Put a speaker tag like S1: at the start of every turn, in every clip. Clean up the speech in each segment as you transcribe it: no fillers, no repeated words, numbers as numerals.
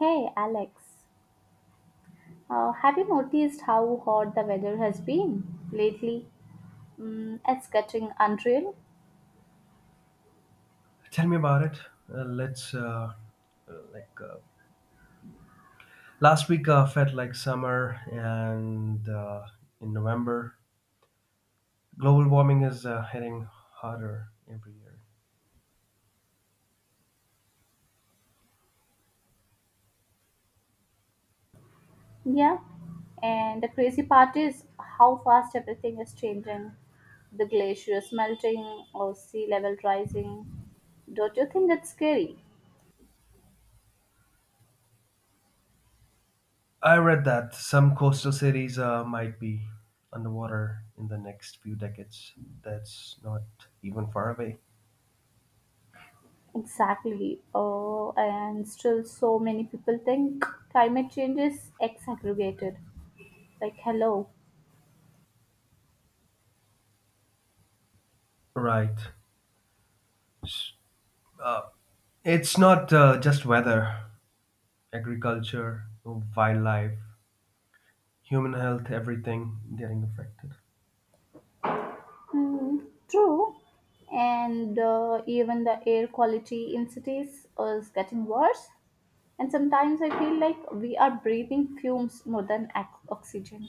S1: Hey Alex, have you noticed how hot the weather has been lately? Mm, it's getting unreal.
S2: Tell me about it. Let's like last week felt like summer, and in November, global warming is hitting harder every year.
S1: Yeah. And the crazy part is how fast everything is changing. The glaciers melting or sea level rising. Don't you think that's scary?
S2: I read that some coastal cities might be underwater in the next few decades. That's not even far away.
S1: Exactly. Oh, and still so many people think climate change is exaggerated. Like, hello.
S2: Right. S- Uh, it's not just weather, agriculture, wildlife, human health, everything getting affected.
S1: Mm, true, and even the air quality in cities is getting worse. And sometimes I feel like we are breathing fumes more than oxygen.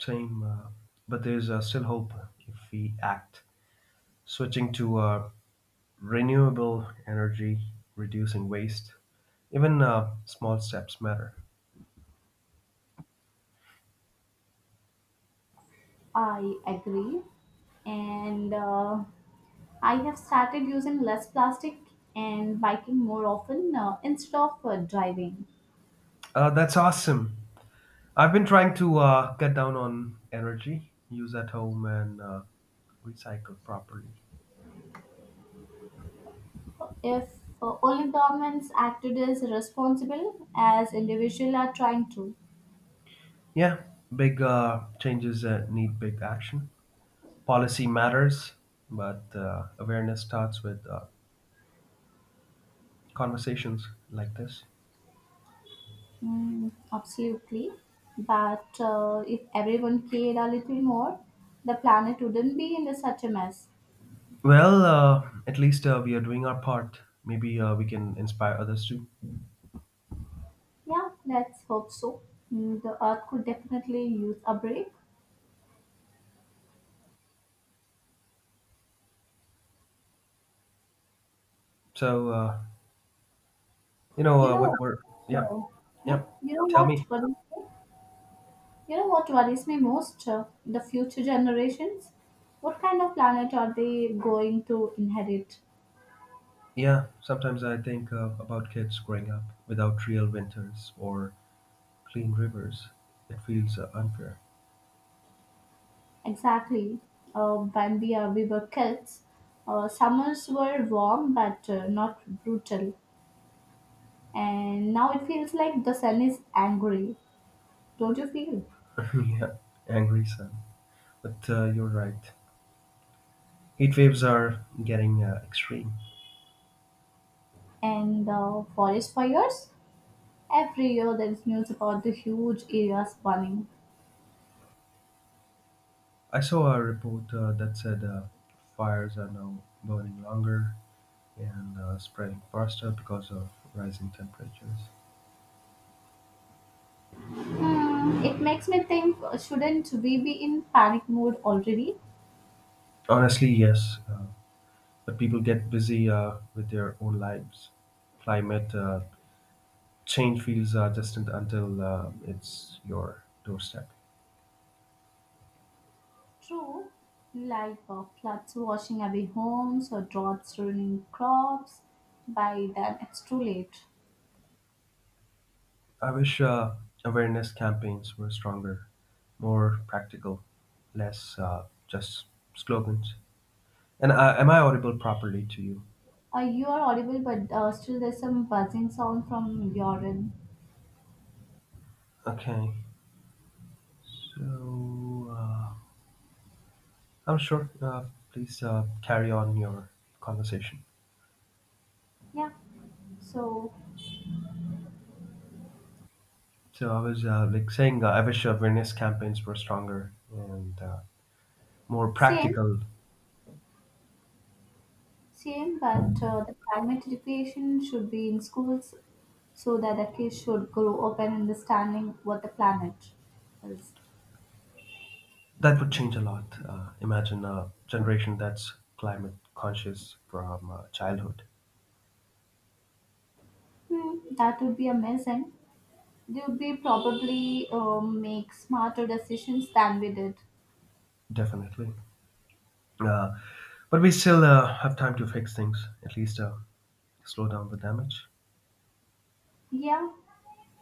S2: time, uh, but there's still hope if we act. Switching to renewable energy, reducing waste, even small steps matter.
S1: I agree, and I have started using less plastic and biking more often instead of driving.
S2: That's awesome. I've been trying to cut down on energy, use at home, and recycle properly.
S1: If only governments acted as responsible as individuals are trying to.
S2: Yeah, big changes need big action. Policy matters, but awareness starts with conversations like this.
S1: Mm, absolutely. But if everyone cared a little more, the planet wouldn't be in such a mess.
S2: Well, at least we are doing our part. Maybe we can inspire others too.
S1: Yeah, let's hope so. Mm, the Earth could definitely use a break.
S2: So, uh, you know,
S1: You
S2: uh,
S1: know,
S2: what we're, yep,
S1: so, yeah,
S2: yep.
S1: you know
S2: Tell me.
S1: what worries me? You know what worries me most? The future generations. What kind of planet are they going to inherit?
S2: Yeah, sometimes I think about kids growing up without real winters or clean rivers. It feels unfair.
S1: Exactly. When we were kids, summers were warm but not brutal. And now it feels like the sun is angry, don't you feel?
S2: Yeah, angry sun. But you're right. Heat waves are getting extreme.
S1: And the forest fires? Every year there is news about the huge areas burning.
S2: I saw a report that said fires are now burning longer and spreading faster because of rising temperatures.
S1: Hmm, it makes me think, shouldn't we be in panic mode already?
S2: Honestly, yes, but people get busy with their own lives. Climate change feels distant until it's your doorstep.
S1: True, like floods washing away homes or droughts ruining crops. By then it's too late.
S2: I wish awareness campaigns were stronger, more practical, less just slogans. And am I audible properly to you?
S1: You are audible, but still there's some buzzing sound from your end.
S2: Okay, so I'm sure. Please carry on your conversation.
S1: Yeah, so
S2: So I was like saying, I wish awareness campaigns were stronger and more
S1: same.
S2: practical.
S1: same, but the climate education should be in schools so that the kids should grow up and understanding what the planet is.
S2: That would change a lot. Imagine a generation that's climate conscious from childhood,
S1: Hmm, that would be amazing. They would be probably make smarter decisions than we did.
S2: definitely. Uh, but we still have time to fix things, at least slow down the damage.
S1: Yeah,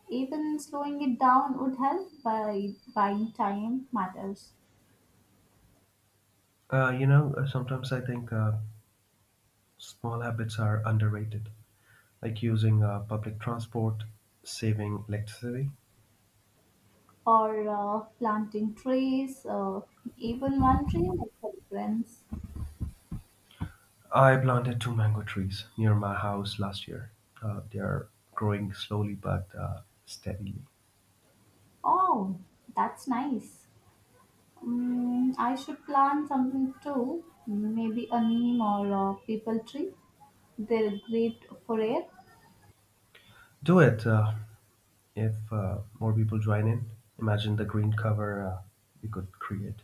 S1: even slowing it down would help by buying time matters,
S2: Sometimes I think small habits are underrated, like using public transport, saving electricity.
S1: or planting trees, even one tree makes a difference.
S2: I planted two mango trees near my house last year. They are growing slowly but steadily.
S1: Oh, that's nice. Mm, I should plant something too, maybe a neem or a people tree. They're great for air.
S2: Do it if more people join in. Imagine the green cover we could create.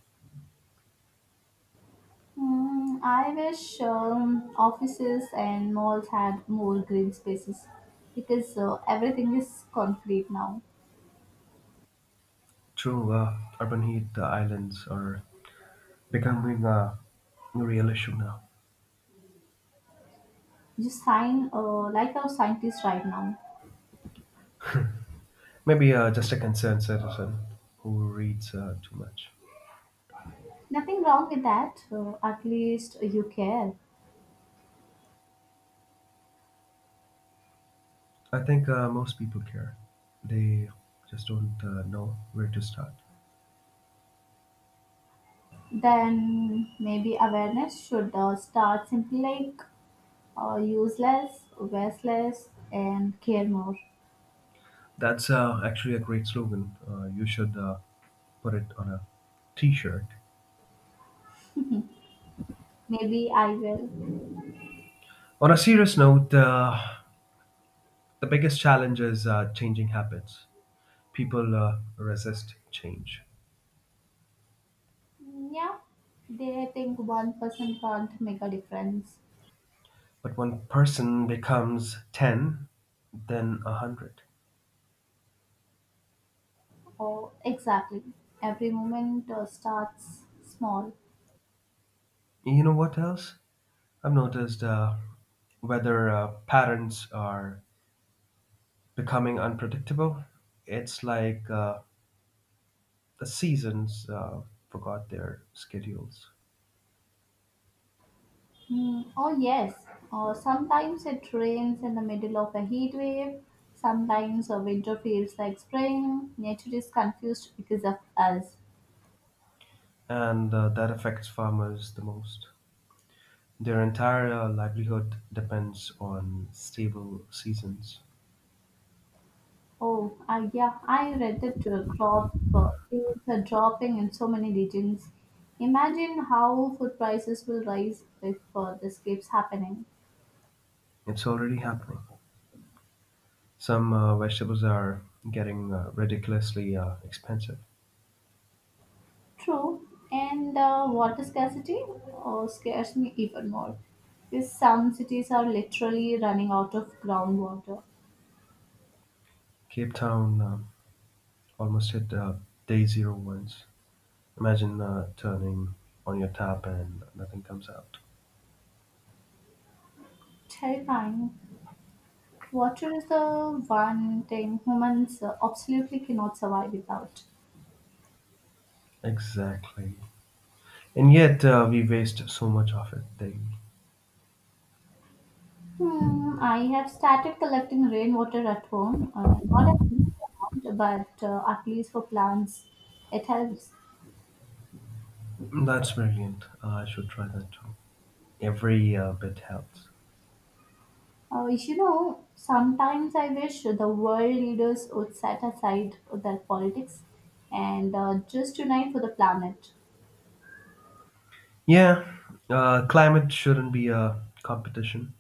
S1: Mm, I wish offices and malls had more green spaces because everything is concrete now.
S2: True, urban heat islands are becoming a real issue now.
S1: You sign like our scientists right now.
S2: Maybe just a concerned citizen who reads too much.
S1: Nothing wrong with that. At least you care.
S2: I think most people care. They just don't know where to start.
S1: Then maybe awareness should start simply, like use less, waste less, and care more.
S2: That's actually a great slogan. You should put it on a t-shirt.
S1: Maybe I will.
S2: On a serious note, the biggest challenge is changing habits. People resist change,
S1: Mm, yeah, they think one person can't make a difference.
S2: but one person becomes 10, then 100.
S1: Oh, exactly. Every moment starts small.
S2: You know what else? I've noticed whether parents are becoming unpredictable. It's like the seasons forgot their schedules,
S1: Mm, oh, yes. Sometimes it rains in the middle of a heat wave. Sometimes a winter feels like spring. Nature is confused because of us.
S2: and that affects farmers the most. Their entire livelihood depends on stable seasons.
S1: Oh, yeah, I read that crop is dropping in so many regions. Imagine how food prices will rise if this keeps happening.
S2: It's already happening. Some vegetables are getting ridiculously expensive.
S1: True, and water scarcity scares me even more. Because some cities are literally running out of groundwater.
S2: Cape Town almost hit day zero once. Imagine turning on your tap and nothing comes out.
S1: Terrifying. Water is the one thing humans absolutely cannot survive without.
S2: Exactly. And yet we waste so much of it daily.
S1: Hmm, I have started collecting rainwater at home. Not a huge amount, but at least for plants, it helps.
S2: That's brilliant. I should try that too. Every bit helps.
S1: You know, sometimes I wish the world leaders would set aside their politics and just unite for the planet.
S2: Yeah, climate shouldn't be a competition.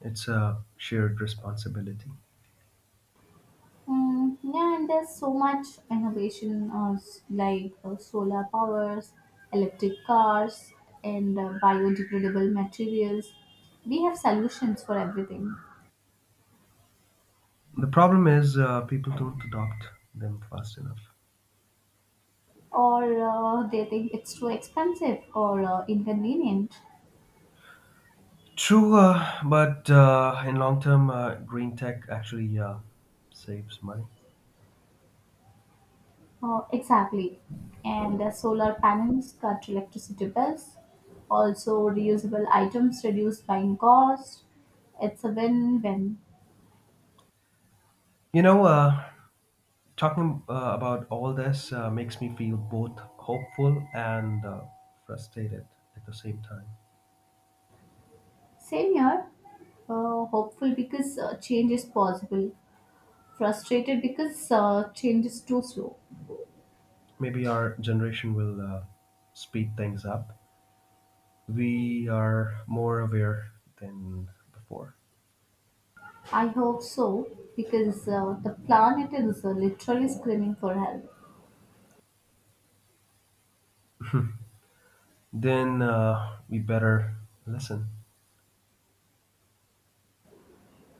S2: It's a shared responsibility.
S1: Mm, yeah, and there's so much innovation, like solar powers, electric cars, and biodegradable materials. We have solutions for everything.
S2: The problem is people don't adopt them fast enough.
S1: Or they think it's too expensive or inconvenient.
S2: True, but in long term, green tech actually saves money.
S1: Exactly. And solar panels cut electricity bills. Also, reusable items reduce buying cost. It's a win win.
S2: You know, uh, talking about all this makes me feel both hopeful and frustrated at the same time.
S1: Same here. Hopeful because change is possible. Frustrated because change is too slow.
S2: Maybe our generation will speed things up. We are more aware than before.
S1: I hope so because the planet is literally screaming for help.
S2: Then we better listen.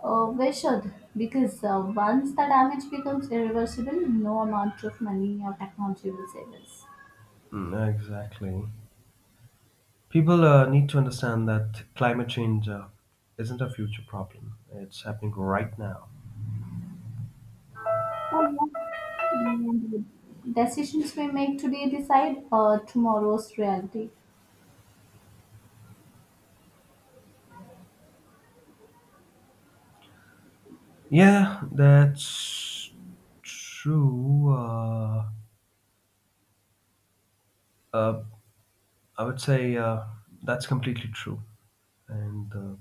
S1: We should, because once the damage becomes irreversible, no amount of money or technology will save us.
S2: Mm, exactly. People need to understand that climate change isn't a future problem. It's happening right now.
S1: Oh, yeah. Mm, decisions we make today decide tomorrow's reality.
S2: Yeah, that's true. Uh, I would say that's completely true. And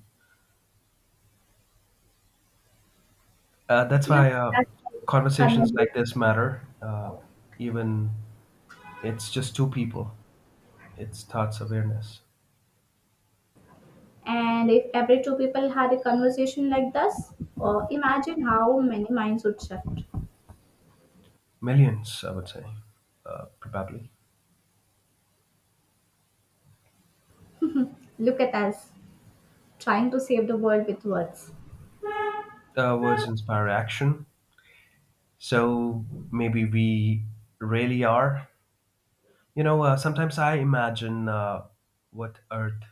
S2: uh, uh, that's
S1: Yeah,
S2: why
S1: that's
S2: conversations
S1: conversation.
S2: like this matter. Even it's just two people, it's thoughts awareness.
S1: And if every two people had a conversation like this, imagine how many minds would shift.
S2: Millions, I would say, probably.
S1: Look at us trying to save the world with words.
S2: Words inspire action, so maybe we really are. Sometimes I imagine what Earth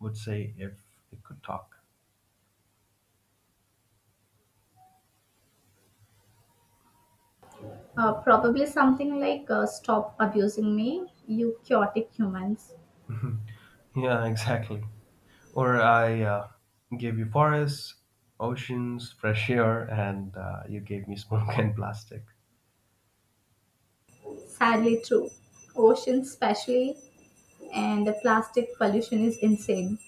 S2: would say if it could talk.
S1: Probably something like, "Stop abusing me, you chaotic humans."
S2: Yeah, exactly. Or I gave you forests, oceans, fresh air, and you gave me smoke and plastic.
S1: Sadly true. Ocean especially, and the plastic pollution is insane.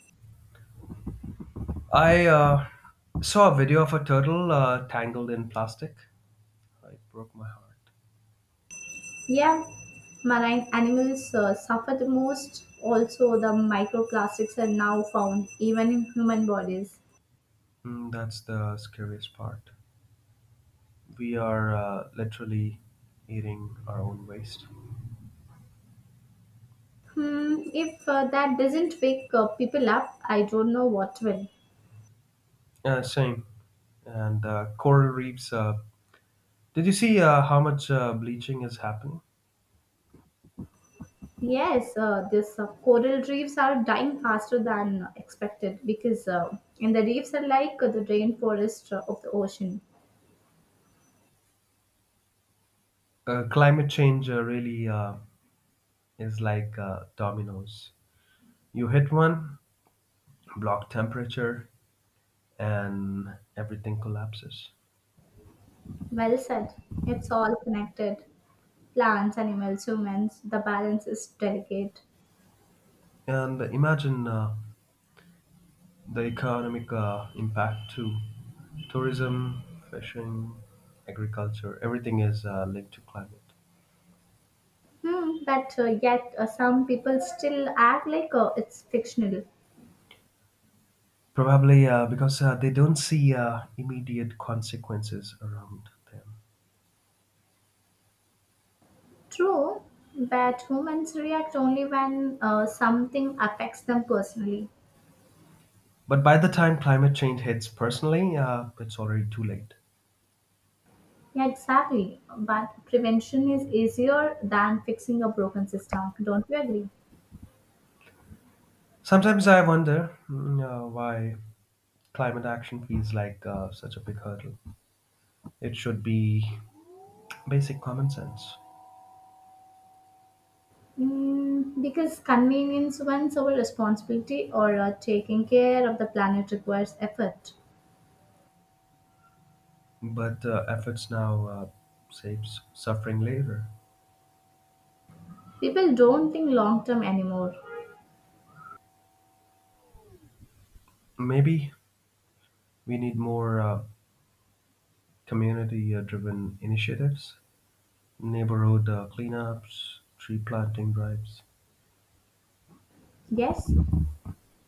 S2: I saw a video of a turtle tangled in plastic. It broke my heart.
S1: Yeah, marine animals suffer the most. Also, the microplastics are now found even in human bodies.
S2: Mm, that's the scariest part. We are literally eating our own waste.
S1: Hmm, if that doesn't wake people up, I don't know what will.
S2: Yeah, same. And coral reefs. Did you see how much bleaching is happening?
S1: Yes, this coral reefs are dying faster than expected because and the reefs are like the rainforest of the ocean.
S2: Climate change really is like dominoes. You hit one, block temperature, and everything collapses.
S1: Well said. It's all connected. Plants, animals, humans, the balance is delicate.
S2: And imagine the economic impact too. Tourism, fishing, agriculture, everything is linked to climate.
S1: Hmm, but yet some people still act like it's fictional.
S2: Probably because they don't see immediate consequences around them.
S1: True, but humans react only when something affects them personally.
S2: But by the time climate change hits personally, it's already too late.
S1: Yeah, exactly. But prevention is easier than fixing a broken system. Don't you agree?
S2: Sometimes I wonder why climate action feels like such a big hurdle. It should be basic common sense,
S1: Mm, because convenience wins over responsibility, or taking care of the planet requires effort.
S2: but efforts now saves suffering later.
S1: People don't think long term anymore.
S2: Maybe we need more community-driven initiatives, neighborhood cleanups, tree planting drives,
S1: Yes,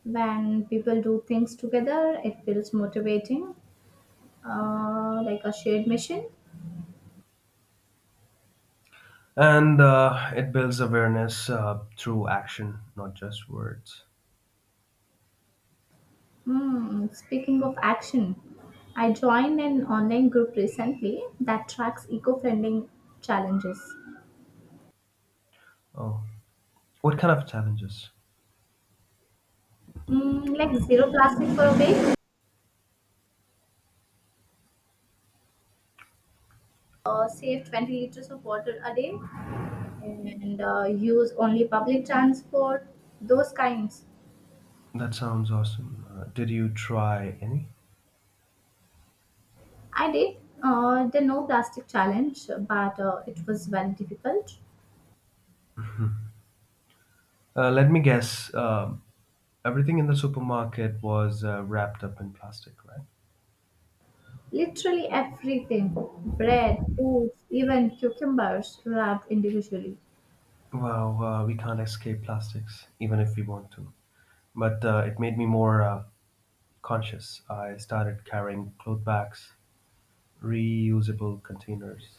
S1: when people do things together, it feels motivating, like a shared mission.
S2: and it builds awareness through action, not just words.
S1: Hmm, speaking of action, I joined an online group recently that tracks eco friendly challenges.
S2: Oh, what kind of challenges?
S1: Mm, like zero plastic for a week, save 20 liters of water a day, and use only public transport, those kinds.
S2: That sounds awesome. Did you try any?
S1: I did the no plastic challenge, but it was very difficult.
S2: Mhm. Let me guess. Everything in the supermarket was wrapped up in plastic, right?
S1: Literally everything: bread, fruits, even cucumbers wrapped individually.
S2: Wow, we can't escape plastics, even if we want to. But it made me more conscious. I started carrying cloth bags, reusable containers,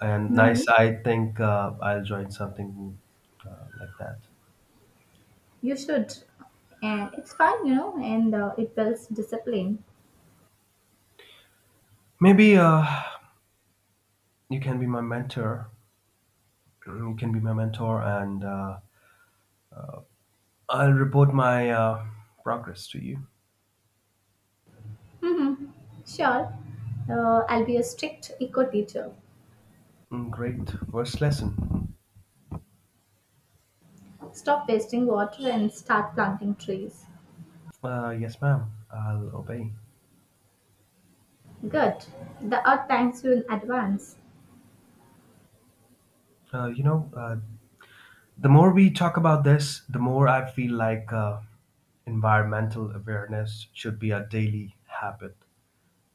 S2: and
S1: Nice.
S2: nice. I think I'll join something like that.
S1: You should. And it's fun, you know, and it builds discipline.
S2: Maybe you can be my mentor. You can be my mentor, and I'll report my progress to you.
S1: Mm-hmm. Sure. I'll be a strict eco teacher.
S2: Mm, great first lesson.
S1: Stop wasting water and start planting trees.
S2: Yes, ma'am. I'll obey.
S1: Good. The earth thanks you in advance.
S2: Uh, you know, uh, the more we talk about this, the more I feel like environmental awareness should be a daily habit,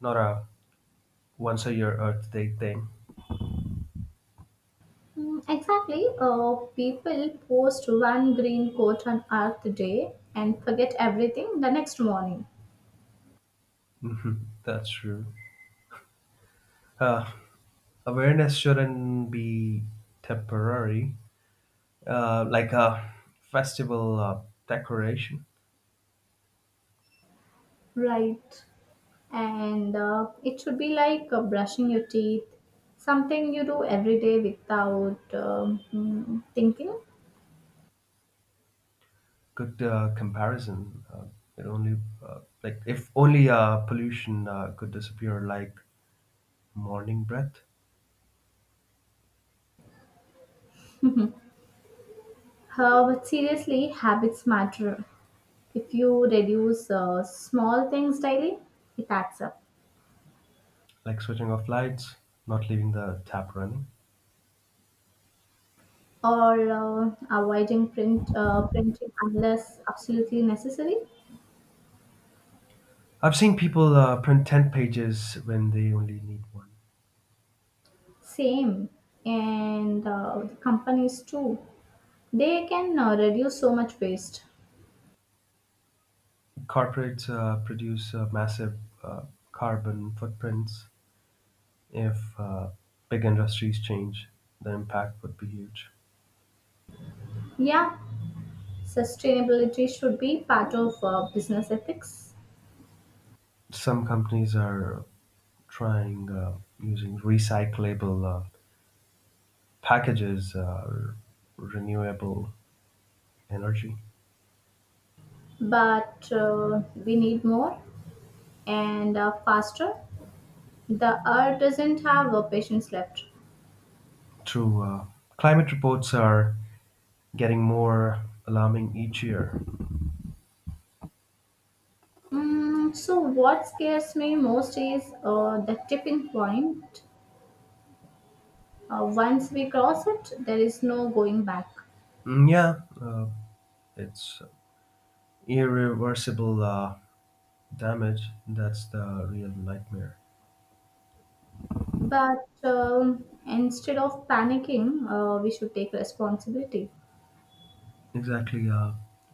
S2: not a once a year Earth Day thing.
S1: Mm, exactly. People post one green coat on Earth Day and forget everything the next morning.
S2: Mhm, that's true. Uh, Awareness shouldn't be temporary, like a festival decoration.
S1: Right. And it should be like brushing your teeth, something you do every day without thinking.
S2: Good comparison. It only like if only pollution could disappear like morning breath,
S1: But seriously, habits matter. If you reduce small things daily, it adds up.
S2: like switching off lights, not leaving the tap running.
S1: Or avoiding printing unless absolutely necessary.
S2: I've seen people print 10 pages when they only need one.
S1: Same, and the companies too. They can reduce so much waste.
S2: Corporates produce massive carbon footprints. If big industries change, the impact would be huge.
S1: Yeah, sustainability should be part of business ethics,
S2: Some companies are trying using recyclable packages renewable energy
S1: but we need more and faster. The earth doesn't have patience left.
S2: through climate reports are getting more alarming each year.
S1: Mm, so, what scares me most is the tipping point. Once we cross it, there is no going back.
S2: Mm, yeah, it's irreversible damage. That's the real nightmare.
S1: But instead of panicking, we should take responsibility.
S2: Exactly.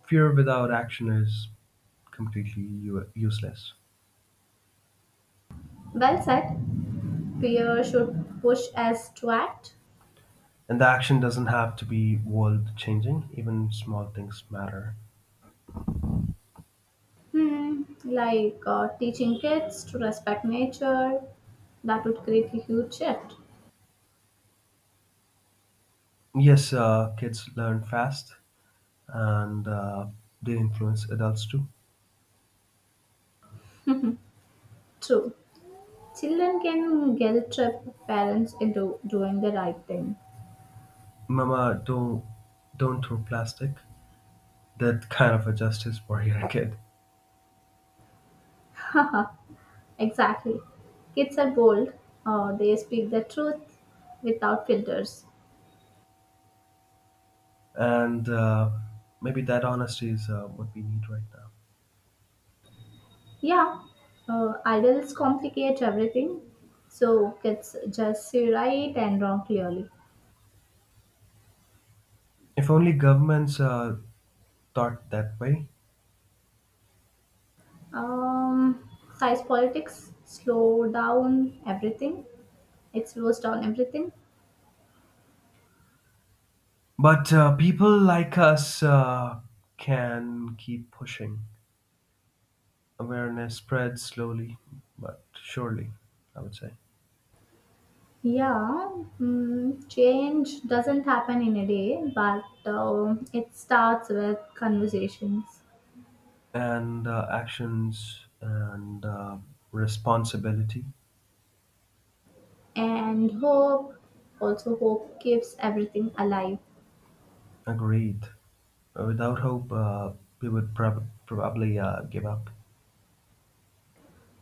S2: Fear without action is completely useless.
S1: Well said. Fear should push us to act.
S2: And the action doesn't have to be world changing, even small things matter.
S1: Hmm. Like teaching kids to respect nature, that would create a huge shift.
S2: Yes, kids learn fast and they influence adults too.
S1: True. Children can guilt trip parents into doing the right thing.
S2: Mama, don't throw plastic. That kind of a justice for your kid,
S1: Exactly. Kids are bold, they speak the truth without filters.
S2: and maybe that honesty is what we need right now.
S1: Yeah, adults complicate everything, so kids just see right and wrong clearly.
S2: If only governments thought that way.
S1: Um, size politics slow down everything. It slows down everything.
S2: But people like us can keep pushing. Awareness spreads slowly, but surely, I would say.
S1: Yeah, mm, change doesn't happen in a day, but it starts with conversations
S2: And actions and responsibility.
S1: and hope. Also, hope keeps everything alive.
S2: Agreed. Without hope, we would probably give up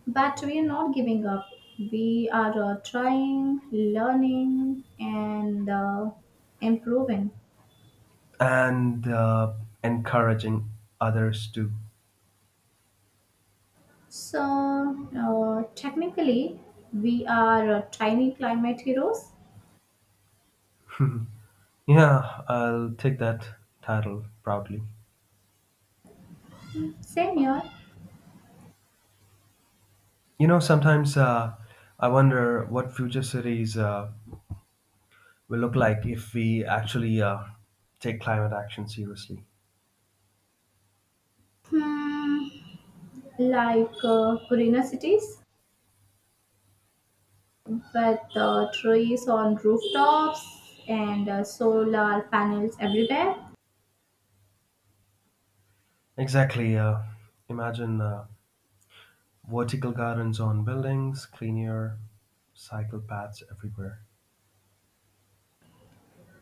S1: But we are not giving up. We are trying, learning, and improving.
S2: and encouraging others to.
S1: So, technically, we are tiny climate heroes.
S2: Yeah, I'll take that title proudly.
S1: Same here.
S2: Sometimes I wonder what future cities will look like if we actually take climate action seriously.
S1: Hmm, like greener cities with trees on rooftops and solar panels everywhere.
S2: Exactly. Imagine vertical gardens on buildings, clean air, cycle paths everywhere,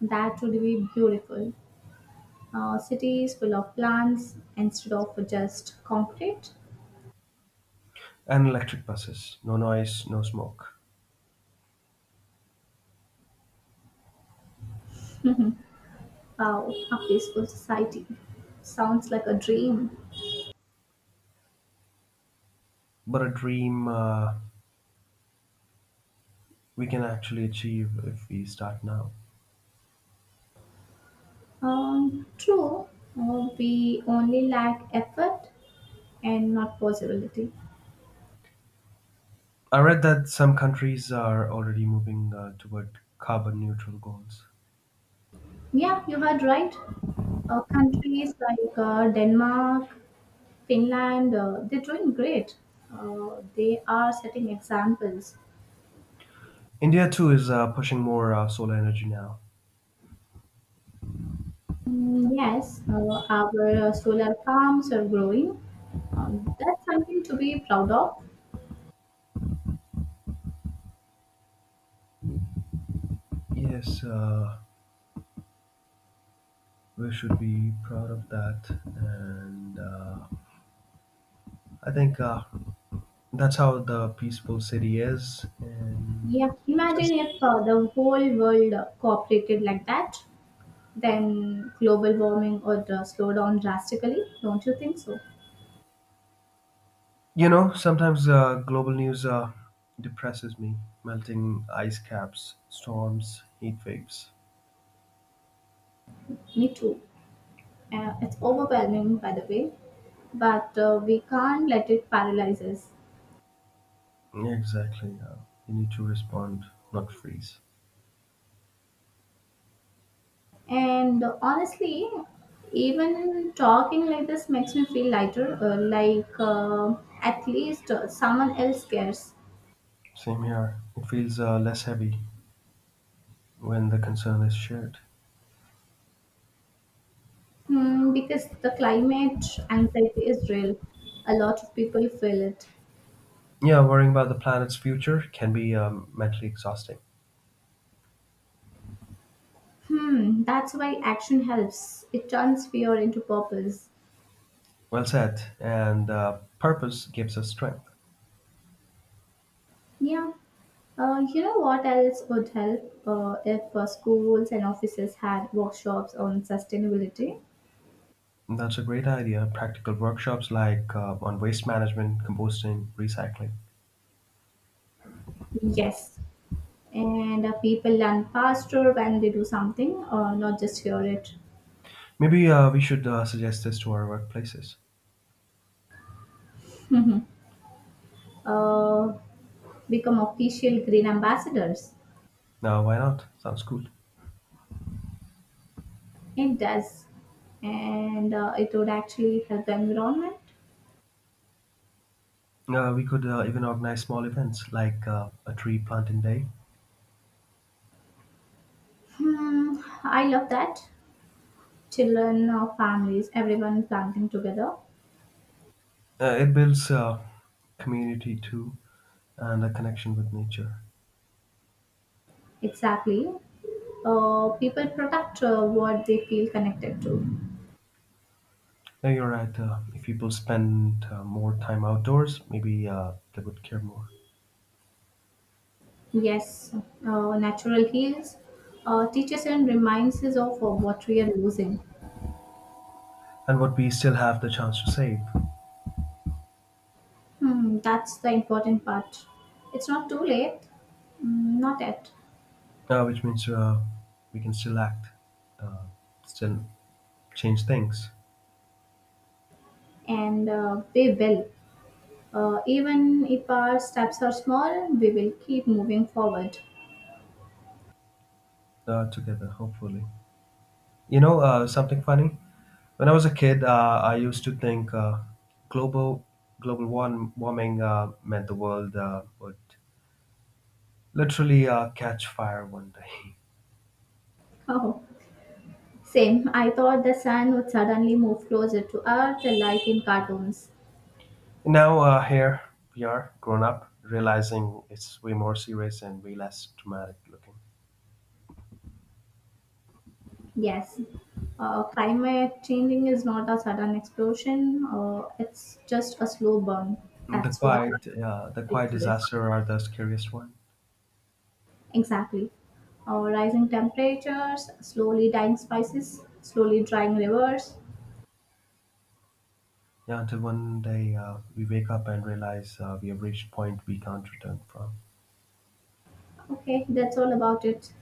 S1: That would be beautiful. Cities full of plants instead of just concrete.
S2: and electric buses. No noise, no smoke.
S1: Wow, a peaceful society. Sounds like a dream.
S2: But a dream we can actually achieve if we start now.
S1: True. We only lack effort and not possibility.
S2: I read that some countries are already moving toward carbon neutral goals.
S1: Yeah, you had right. Countries like Denmark, Finland, they're doing great. They are setting examples.
S2: India too is pushing more solar energy now.
S1: Mm, yes, our solar farms are growing. That's something to be proud of.
S2: Yes, we should be proud of that, and I think that's how the peaceful city is. And
S1: Yeah, imagine
S2: just
S1: if the whole world cooperated like that, then global warming would slow down drastically. Don't you think so?
S2: sometimes global news depresses me. Melting ice caps, storms, heat waves.
S1: Me too. It's overwhelming, by the way, but we can't let it paralyze us.
S2: Yeah, exactly. You need to respond, not freeze.
S1: And honestly, even talking like this makes me feel lighter, like at least someone else cares.
S2: Same here. It feels less heavy when the concern is shared.
S1: Hmm, because the climate anxiety is real. A lot of people feel it.
S2: Yeah, worrying about the planet's future can be mentally exhausting.
S1: Hmm, that's why action helps. It turns fear into purpose.
S2: Well said. And purpose gives us strength.
S1: Yeah. You know what else would help, if schools and offices had workshops on sustainability?
S2: That's a great idea. Practical workshops like on waste management, composting, recycling.
S1: Yes. And people learn faster when they do something, not just hear it.
S2: Maybe we should suggest this to our workplaces.
S1: Mhm. uh, become official green ambassadors.
S2: Now, why not? Sounds cool.
S1: It does. And it would actually help the environment.
S2: We could even organize small events like a tree planting day.
S1: Hmm, I love that. Children or families, everyone planting together.
S2: It builds community too and a connection with nature.
S1: Exactly. People protect what they feel connected to.
S2: Yeah, you're right. If people spend more time outdoors, maybe they would care more.
S1: Yes, natural heals, teaches and reminds us of what we are losing.
S2: And what we still have the chance to save,
S1: Hmm, that's the important part. It's not too late. Mm, not yet,
S2: which means we can still act, uh, still change things
S1: and we will. Even if our steps are small, we will keep moving forward.
S2: together, hopefully. You know, something funny? When I was a kid, I used to think global global warming meant the world would literally catch fire one day.
S1: Same. I thought the sun would suddenly move closer to Earth, like in cartoons.
S2: Now here we are, grown up, realizing it's way more serious and way less dramatic looking.
S1: Yes. Climate changing is not a sudden explosion, it's just a slow burn.
S2: The
S1: That's what
S2: quiet, uh, the quiet
S1: dangerous.
S2: disaster are the scariest one.
S1: Exactly. Rising temperatures, slowly dying spices, slowly drying rivers.
S2: Yeah, until one day we wake up and realize we have reached point we can't return from.
S1: Okay, that's all about it.